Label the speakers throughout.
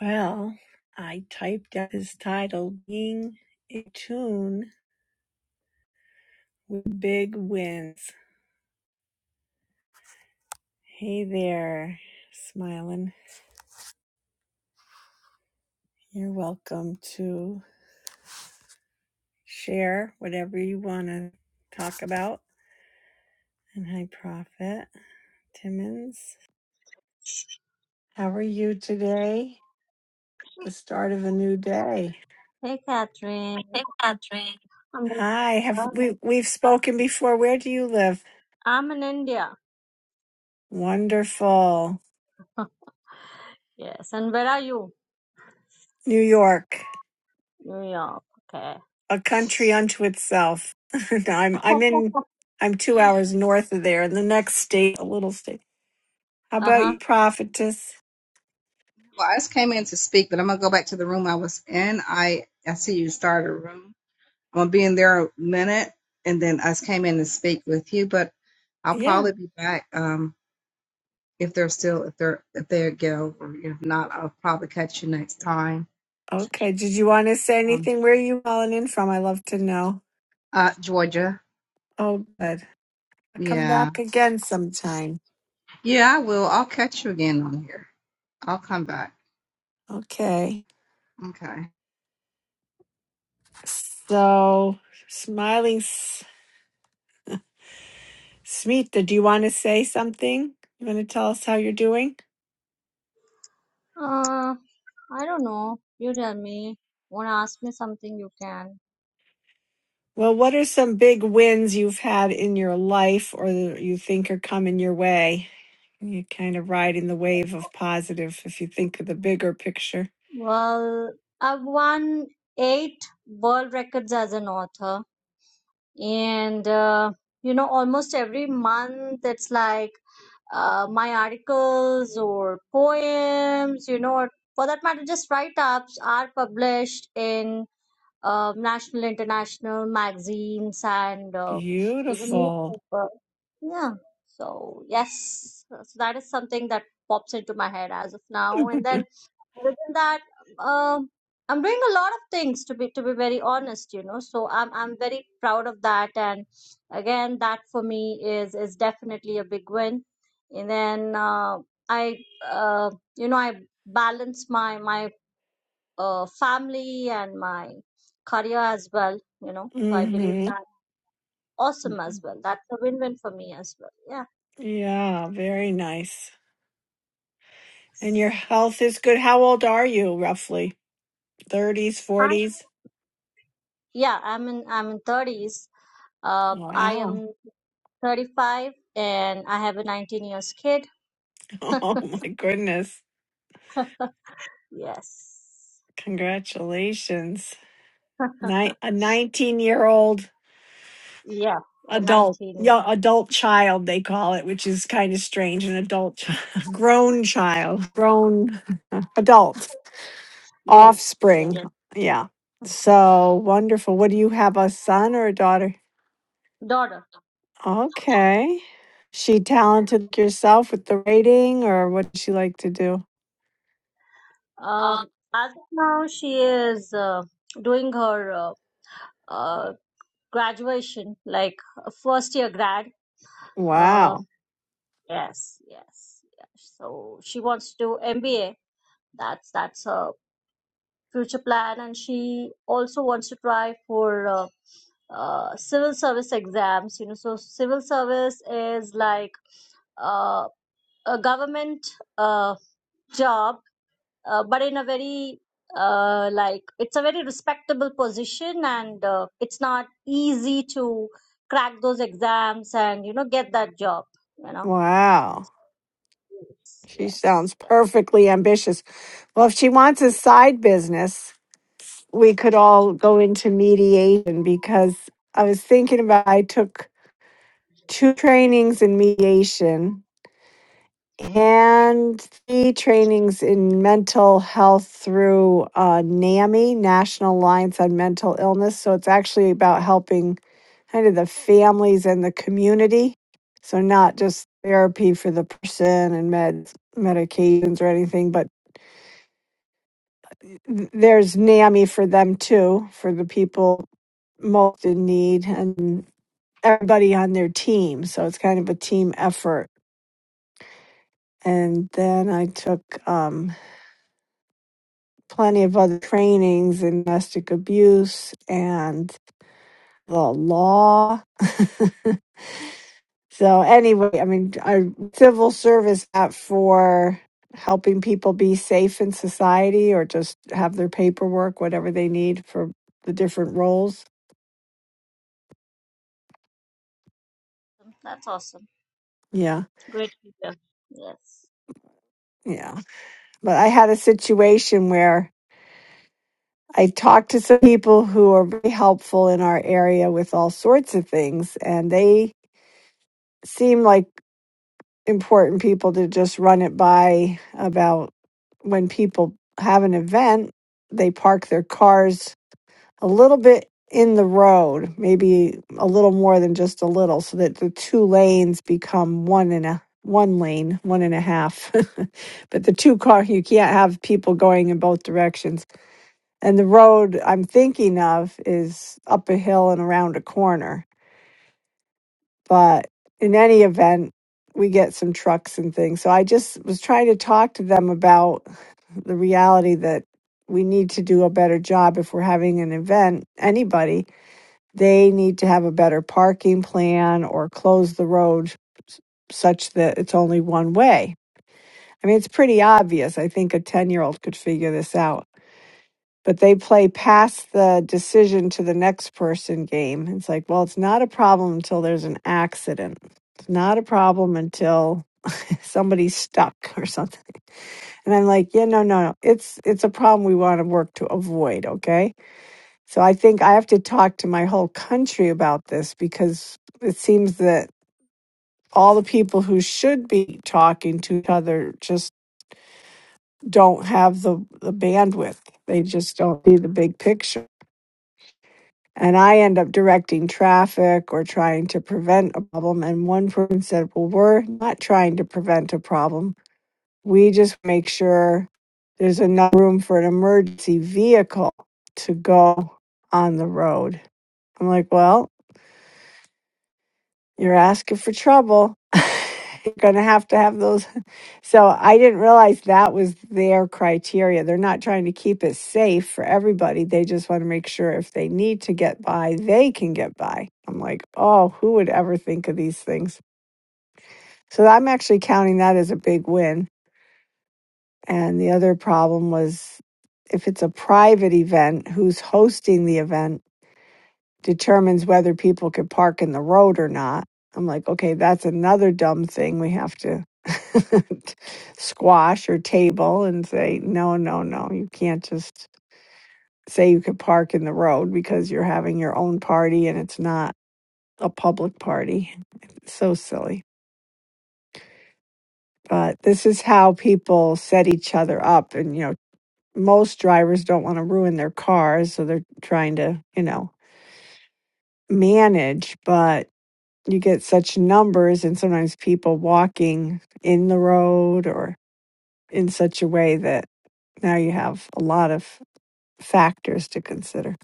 Speaker 1: Well, I typed out his title, Being in Tune with Big Wins. Hey there, smiling. You're welcome to share whatever you want to talk about. And hi, Prophet Timmons. How are you today? The start of a new day.
Speaker 2: Hey, Catherine. I'm
Speaker 1: Hi, have we we've spoken before. Where do you live?
Speaker 2: I'm in India.
Speaker 1: Wonderful.
Speaker 2: Yes. And where are you?
Speaker 1: New York.
Speaker 2: New York. Okay.
Speaker 1: a country unto itself. No, I'm I'm in I'm two hours north of there in the next state, a little state. How about
Speaker 2: Uh-huh.
Speaker 1: you, prophetess?
Speaker 3: Well, I just came in to speak, but I'm gonna go back to the room I was in. I I see you started a room. I'm gonna be in there a minute, and then I just came in to speak with you. But I'll
Speaker 1: Yeah.
Speaker 3: probably be back um, if they're still if they're if they go. Or if not, I'll probably catch you next time.
Speaker 1: Okay. Did you want to say
Speaker 3: Um,
Speaker 1: anything? Where are you calling in from? I love to know.
Speaker 3: uh, Georgia.
Speaker 1: Oh good. I'll come
Speaker 3: Yeah,
Speaker 1: back again sometime.
Speaker 3: yeah, I will. I'll catch you again on here. I'll come back.
Speaker 1: Okay.
Speaker 3: Okay.
Speaker 1: So smiling S- Smita, do you want to say something? You want to tell us how you're doing?
Speaker 2: Uh, I don't know. You tell me. Want to ask me something? You can.
Speaker 1: Well, what are some big wins you've had in your life or that you think are coming your way? You're kind of riding the wave of positive if you think of the bigger picture.
Speaker 2: Well, I've won eight world records as an author, and uh, you know, almost every month it's like uh, my articles or poems, you know, or for that matter, just write-ups are published in. uh, national, international magazines and uh, even
Speaker 1: Beautiful.
Speaker 2: newspaper. Yeah. So yes, so that is something that pops into my head as of now. And then other than that, um, I'm doing a lot of things to be to be very honest, you know. So I'm I'm very proud of that. And again, that for me is is definitely a big win. And then uh, I uh, you know I balance my my uh, family and my career as well, you know. So I believe
Speaker 1: hmm
Speaker 2: that awesome as well. That's a win-win for me as well. Yeah.
Speaker 1: Yeah, very nice. And your health is good. How old are you, roughly? 30s,
Speaker 2: And
Speaker 1: 40s?
Speaker 2: yeah, I'm in I'm in 30s. Uh, I
Speaker 1: Wow.
Speaker 2: am 35 and I have a 19 years kid.
Speaker 1: Oh, my goodness.
Speaker 2: Yes.
Speaker 1: Congratulations. Ni- a 19 year old
Speaker 2: yeah, a
Speaker 1: adult,
Speaker 2: 19.
Speaker 1: yeah, adult child, they call it, which is kind of strange. An adult, grown child, grown adult.
Speaker 2: Yeah, yeah.
Speaker 1: Offspring. Yeah. Yeah. So wonderful. What do you have, a son or a daughter?
Speaker 2: Daughter.
Speaker 1: Okay. She talented like yourself with the writing, or what does she like to do?
Speaker 2: Um, as of now, she is uh, doing her uh, uh, graduation, like a first year grad. Uh.
Speaker 1: Wow.
Speaker 2: Yes, yes, yes. So she wants to do MBA. That's that's her future plan, and she also wants to try for uh, uh, civil service exams. You know, so civil service is like uh, a government uh, job, uh, but in a very uh, like it's a very respectable position, and uh, it's not easy to crack those exams and you know get that job. You know.
Speaker 1: Wow.
Speaker 2: Yes.
Speaker 1: She
Speaker 2: Yes.
Speaker 1: sounds perfectly ambitious. Well, if she wants a
Speaker 2: Yeah.
Speaker 1: side business, we could all go into mediation because I was thinking about I took two trainings in mediation
Speaker 2: Mm,
Speaker 1: And three trainings in mental health through uh, NAMI, National Alliance on Mental Illness. So it's actually about helping kind of the families and the community. So not just therapy for the person and meds, medications or anything, but th- there's NAMI for them too, for the people most in need and everybody on their team. So it's kind of a team effort. And then I took um, plenty of other trainings in domestic abuse and the law. so anyway, I mean, I civil service app for helping people be safe in society or just have their paperwork, whatever they need for the different roles.
Speaker 2: That's awesome.
Speaker 1: Yeah,
Speaker 2: Great to hear. Yes.
Speaker 1: yeah. But I had a situation where I talked to some people who are very helpful in our area with all sorts of things, and they seem like important people to just run it by about when people have an event, they park their cars a little bit in the road, maybe a little more than just a little, so that the two lanes become one and a one lane, one and a half. but the two car you can't have people going in both directions. And the road I'm thinking of is up a hill and around a corner but in any event we get some trucks and things so i just was trying to talk to them about the reality that we need to do a better job if we're having an event anybody they need to have a better parking plan or close the road s- such that it's only one way i mean it's pretty obvious i think a 10 year old could figure this out but they play past the decision to the next person game. It's like, well, it's not a problem until there's an accident. It's not a problem until somebody's stuck or something. And I'm like, yeah, no, no, no. It's it's a problem we want to work to avoid, okay? So I think I have to talk to my whole country about this because it seems that all the people who should be talking to each other just don't have the, the bandwidth. They just don't see the big picture. and I end up directing traffic or trying to prevent a problem. And one person said, Well, we're not trying to prevent a problem. We just make sure there's enough room for an emergency vehicle to go on the road. I'm like, Well, you're asking for trouble. you're going to have to have those so I didn't realize that was their criteria. They're not trying to keep it safe for everybody. They just want to make sure if they need to get by, they can get by. I'm like, oh, who would ever think of these things? So I'm actually counting that as a big win. And the other problem was if it's a private event, who's hosting the event? determines whether people could park in the road or not. I'm like, okay, that's another dumb thing we have to squash or table and say, no, no, no, you can't just say you could park in the road because you're having your own party and it's not a public party. It's so silly. But this is how people set each other up. And, you know, most drivers don't want to ruin their cars. So they're trying to, you know, manage. But you get such numbers and sometimes people walking in the road or in such a way that now you have a lot of factors to consider.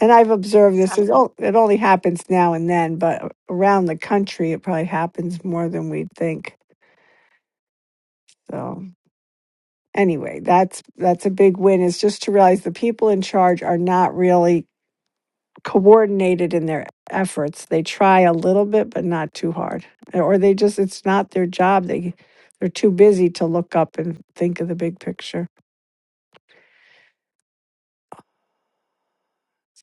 Speaker 1: And I've observed
Speaker 2: So
Speaker 1: this is oh, it only happens now and then, but around the country it probably happens more than we'd think. So anyway, that's that's a big win is just to realize the people in charge are not really coordinated in their efforts. They try a little bit, but not too hard, or they just it's not their job. They they're too busy to look up and think of the big picture.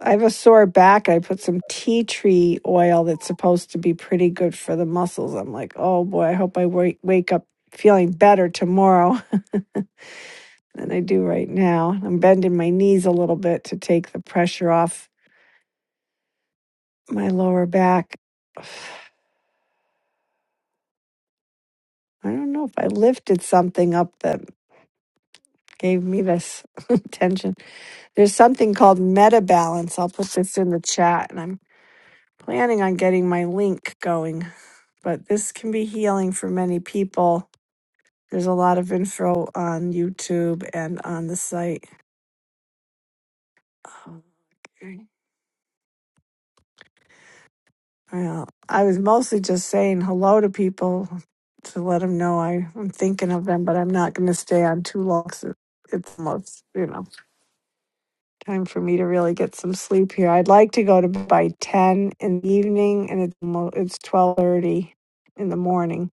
Speaker 1: I have a sore back. I put some tea tree oil that's supposed to be pretty good for the muscles. I'm like, oh boy, I hope I wake wake up feeling better tomorrow than I do right now. I'm bending my knees a little bit to take the pressure off my lower back. I don't know if I lifted something up that gave me this tension. There's something called Meta Balance. I'll put this in the chat, and I'm planning on getting my link going. But this can be healing for many people. There's a lot of info on YouTube and on the site. Oh, okay. Well, I was mostly just saying hello to people to let them know I, I'm thinking of them, but I'm not going to stay on too long, so it's almost, you know. Time for me to really get some sleep here. I'd like to go to bed by ten in the evening, and it's mo- it's twelve thirty in the morning,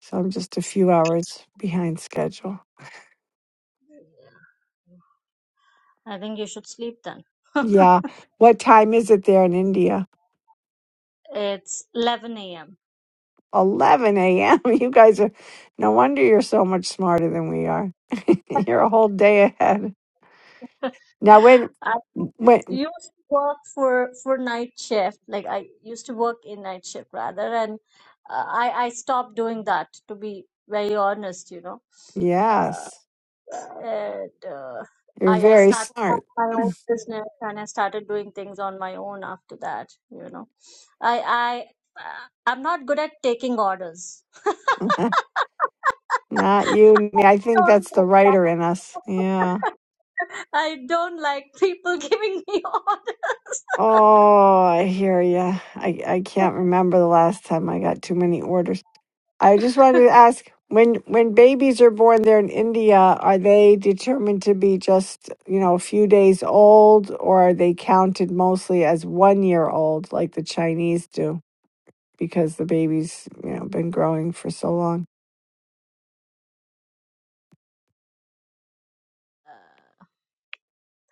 Speaker 1: so I'm just a few hours behind schedule.
Speaker 2: I think you should sleep then.
Speaker 1: Yeah, what time is it there in India?
Speaker 2: It's 11 a.m.
Speaker 1: Eleven a.m. You guys are no wonder you're so much smarter than we are. You're a whole day ahead. Now when
Speaker 2: I
Speaker 1: when
Speaker 2: used to work for for night shift. Like I used to work in night shift rather, and uh, I I stopped doing that to be very honest. You know, uh,
Speaker 1: yes,
Speaker 2: and uh,
Speaker 1: you're
Speaker 2: I I
Speaker 1: very
Speaker 2: started up
Speaker 1: smart.
Speaker 2: my own business and I started doing things on my own after that. You know, I I uh, I'm not good at taking orders
Speaker 1: Not you, me. I think
Speaker 2: don't
Speaker 1: that's the
Speaker 2: like
Speaker 1: writer in us. Yeah.
Speaker 2: that. I don't like people giving me orders.
Speaker 1: Oh, I hear ya. I I can't remember the last time I got too many orders. I just wanted to ask when when babies are born there in India, are they determined to be just, you know, a few days old or are they counted mostly as 1 year old like the Chinese do because the baby's, you know, been growing for so long?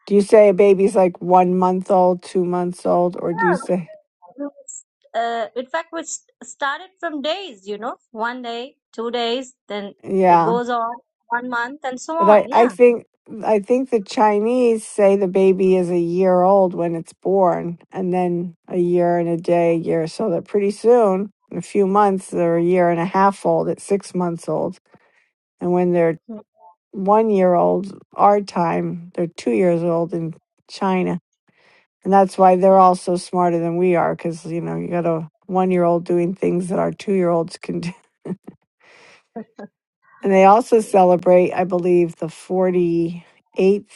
Speaker 1: Do you say a baby's like 1 month old, 2 months old or do you
Speaker 2: Yeah,
Speaker 1: say
Speaker 2: it was- Uh, in fact, we s- started from days, you know, one day, two days, then it
Speaker 1: yeah.
Speaker 2: goes on one month and so
Speaker 1: But
Speaker 2: on.
Speaker 1: I, I
Speaker 2: Yeah.
Speaker 1: think I think the Chinese say the baby is a year old when it's born, and then a year and a day, a year. So that pretty soon, in a few months, they're a year and a half old at six months old. And when they're one year old, our time, they're two years old in China. And that's why they're all so smarter than we are, because, you know, you got a one year old doing things that our two year olds can do. And they also
Speaker 2: Okay. Mm.
Speaker 1: celebrate, I believe, the 48th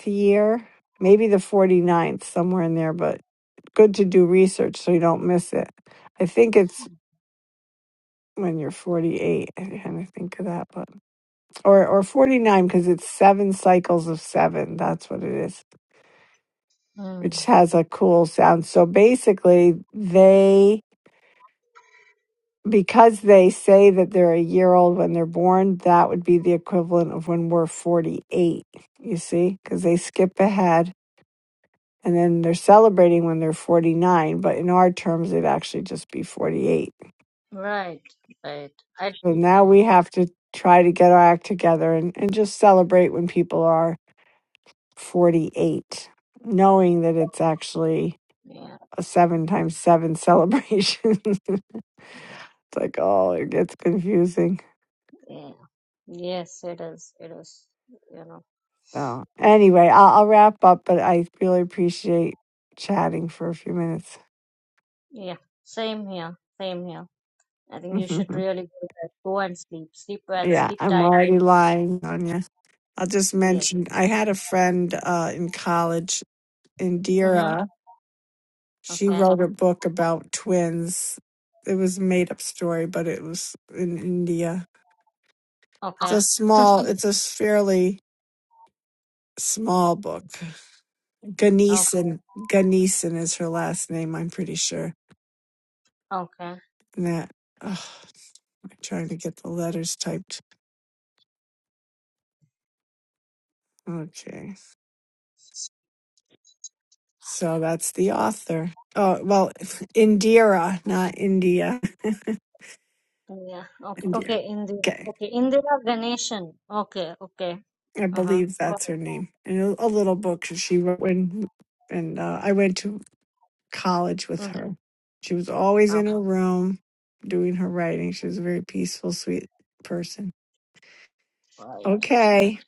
Speaker 1: year, maybe the forty-ninth, somewhere in there, but good to do research so you don't miss it. I think it's when you're 48. I kind of think of that, but or or 49 because it's seven cycles of seven. That's what it is,
Speaker 2: mm.
Speaker 1: which
Speaker 2: Mm.
Speaker 1: has a cool sound. So basically, they because they say that they're a year old when they're born, that would be the equivalent of when we're 48. You see, because they skip ahead and then they're celebrating when they're 49 but in our terms it'd actually just be 48
Speaker 2: Right, right. I
Speaker 1: so now we have to try to get our act together and, and just celebrate when people are 48 knowing that it's actually
Speaker 2: yeah,
Speaker 1: a seven times seven celebration it's like oh it gets confusing
Speaker 2: yeah. Yes, it is. It is, you know,
Speaker 1: so anyway I'll, I'll wrap up but i really appreciate chatting for a few minutes
Speaker 2: yeah. Same here, same here. I think you should really do that. Go and sleep. Sleep well.
Speaker 1: yeah
Speaker 2: Sleep
Speaker 1: i'm
Speaker 2: tight.
Speaker 1: already lying on you I'll just
Speaker 2: Yeah.
Speaker 1: mention I had a friend uh, in college,
Speaker 2: Mm-hmm.
Speaker 1: Indira. She
Speaker 2: Okay.
Speaker 1: wrote a book about twins. It was a made up story, but it was in India. It's
Speaker 2: Okay.
Speaker 1: a small, it's a fairly small book.
Speaker 2: Okay.
Speaker 1: Ganesan, Ganesan is her last name, I'm pretty sure.
Speaker 2: Okay.
Speaker 1: And that, oh, I'm trying to get the letters typed. Okay. So that's the author. Oh, well, Indira, not India.
Speaker 2: Yeah. Okay.
Speaker 1: Indira.
Speaker 2: Okay. Indira.
Speaker 1: Okay.
Speaker 2: Okay. Indira Ganeshan. Okay. Okay.
Speaker 1: I
Speaker 2: Uh-huh.
Speaker 1: believe
Speaker 2: Got
Speaker 1: that's
Speaker 2: it.
Speaker 1: her name. And a, a little book that she wrote when, and uh, I went to college with
Speaker 2: Mm.
Speaker 1: her. She was always
Speaker 2: Oh,
Speaker 1: in her room doing her writing. She was a very peaceful, sweet person.
Speaker 2: right. Right.
Speaker 1: Okay.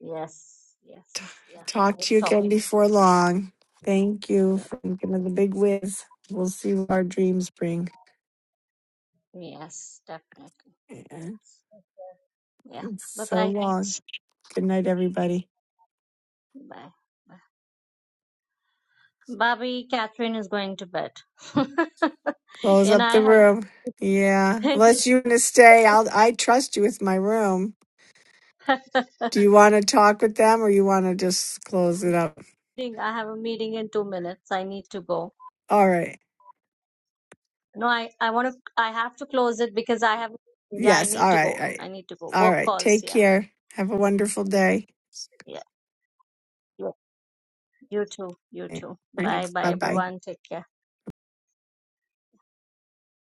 Speaker 2: Yes.
Speaker 1: T-
Speaker 2: Yes. Yeah. Now
Speaker 1: talk
Speaker 2: we're
Speaker 1: to you again
Speaker 2: talking.
Speaker 1: before long. Thank you
Speaker 2: Yeah.
Speaker 1: for thinking of the big whiz. We'll see what our dreams bring.
Speaker 2: Yes. Definitely.
Speaker 1: Yeah,
Speaker 2: Yes. Okay. Yeah.
Speaker 1: It's so
Speaker 2: Bye-bye.
Speaker 1: long. Good night, everybody.
Speaker 2: Bye. Bye. Bobby, Catherine is going to bed.
Speaker 1: Close
Speaker 2: and
Speaker 1: up
Speaker 2: I
Speaker 1: the room. Yeah.
Speaker 2: have
Speaker 1: Unless you want to stay, I'll, I trust you with my room. Do you want to talk with them or you want to just close it up?
Speaker 2: I have a meeting in two minutes. I need to go.
Speaker 1: All right.
Speaker 2: No, I, I want to, I have to close it because I have, yeah, I
Speaker 1: Yes.
Speaker 2: need
Speaker 1: All
Speaker 2: to
Speaker 1: right. All
Speaker 2: go. I
Speaker 1: right.
Speaker 2: need to go.
Speaker 1: All
Speaker 2: Work
Speaker 1: right.
Speaker 2: calls.
Speaker 1: Take
Speaker 2: Yeah.
Speaker 1: care. Have a wonderful day.
Speaker 2: Yeah. yeah. You too. You too. Bye
Speaker 1: Thanks.
Speaker 2: bye,
Speaker 1: Bye bye.
Speaker 2: everyone. Take care.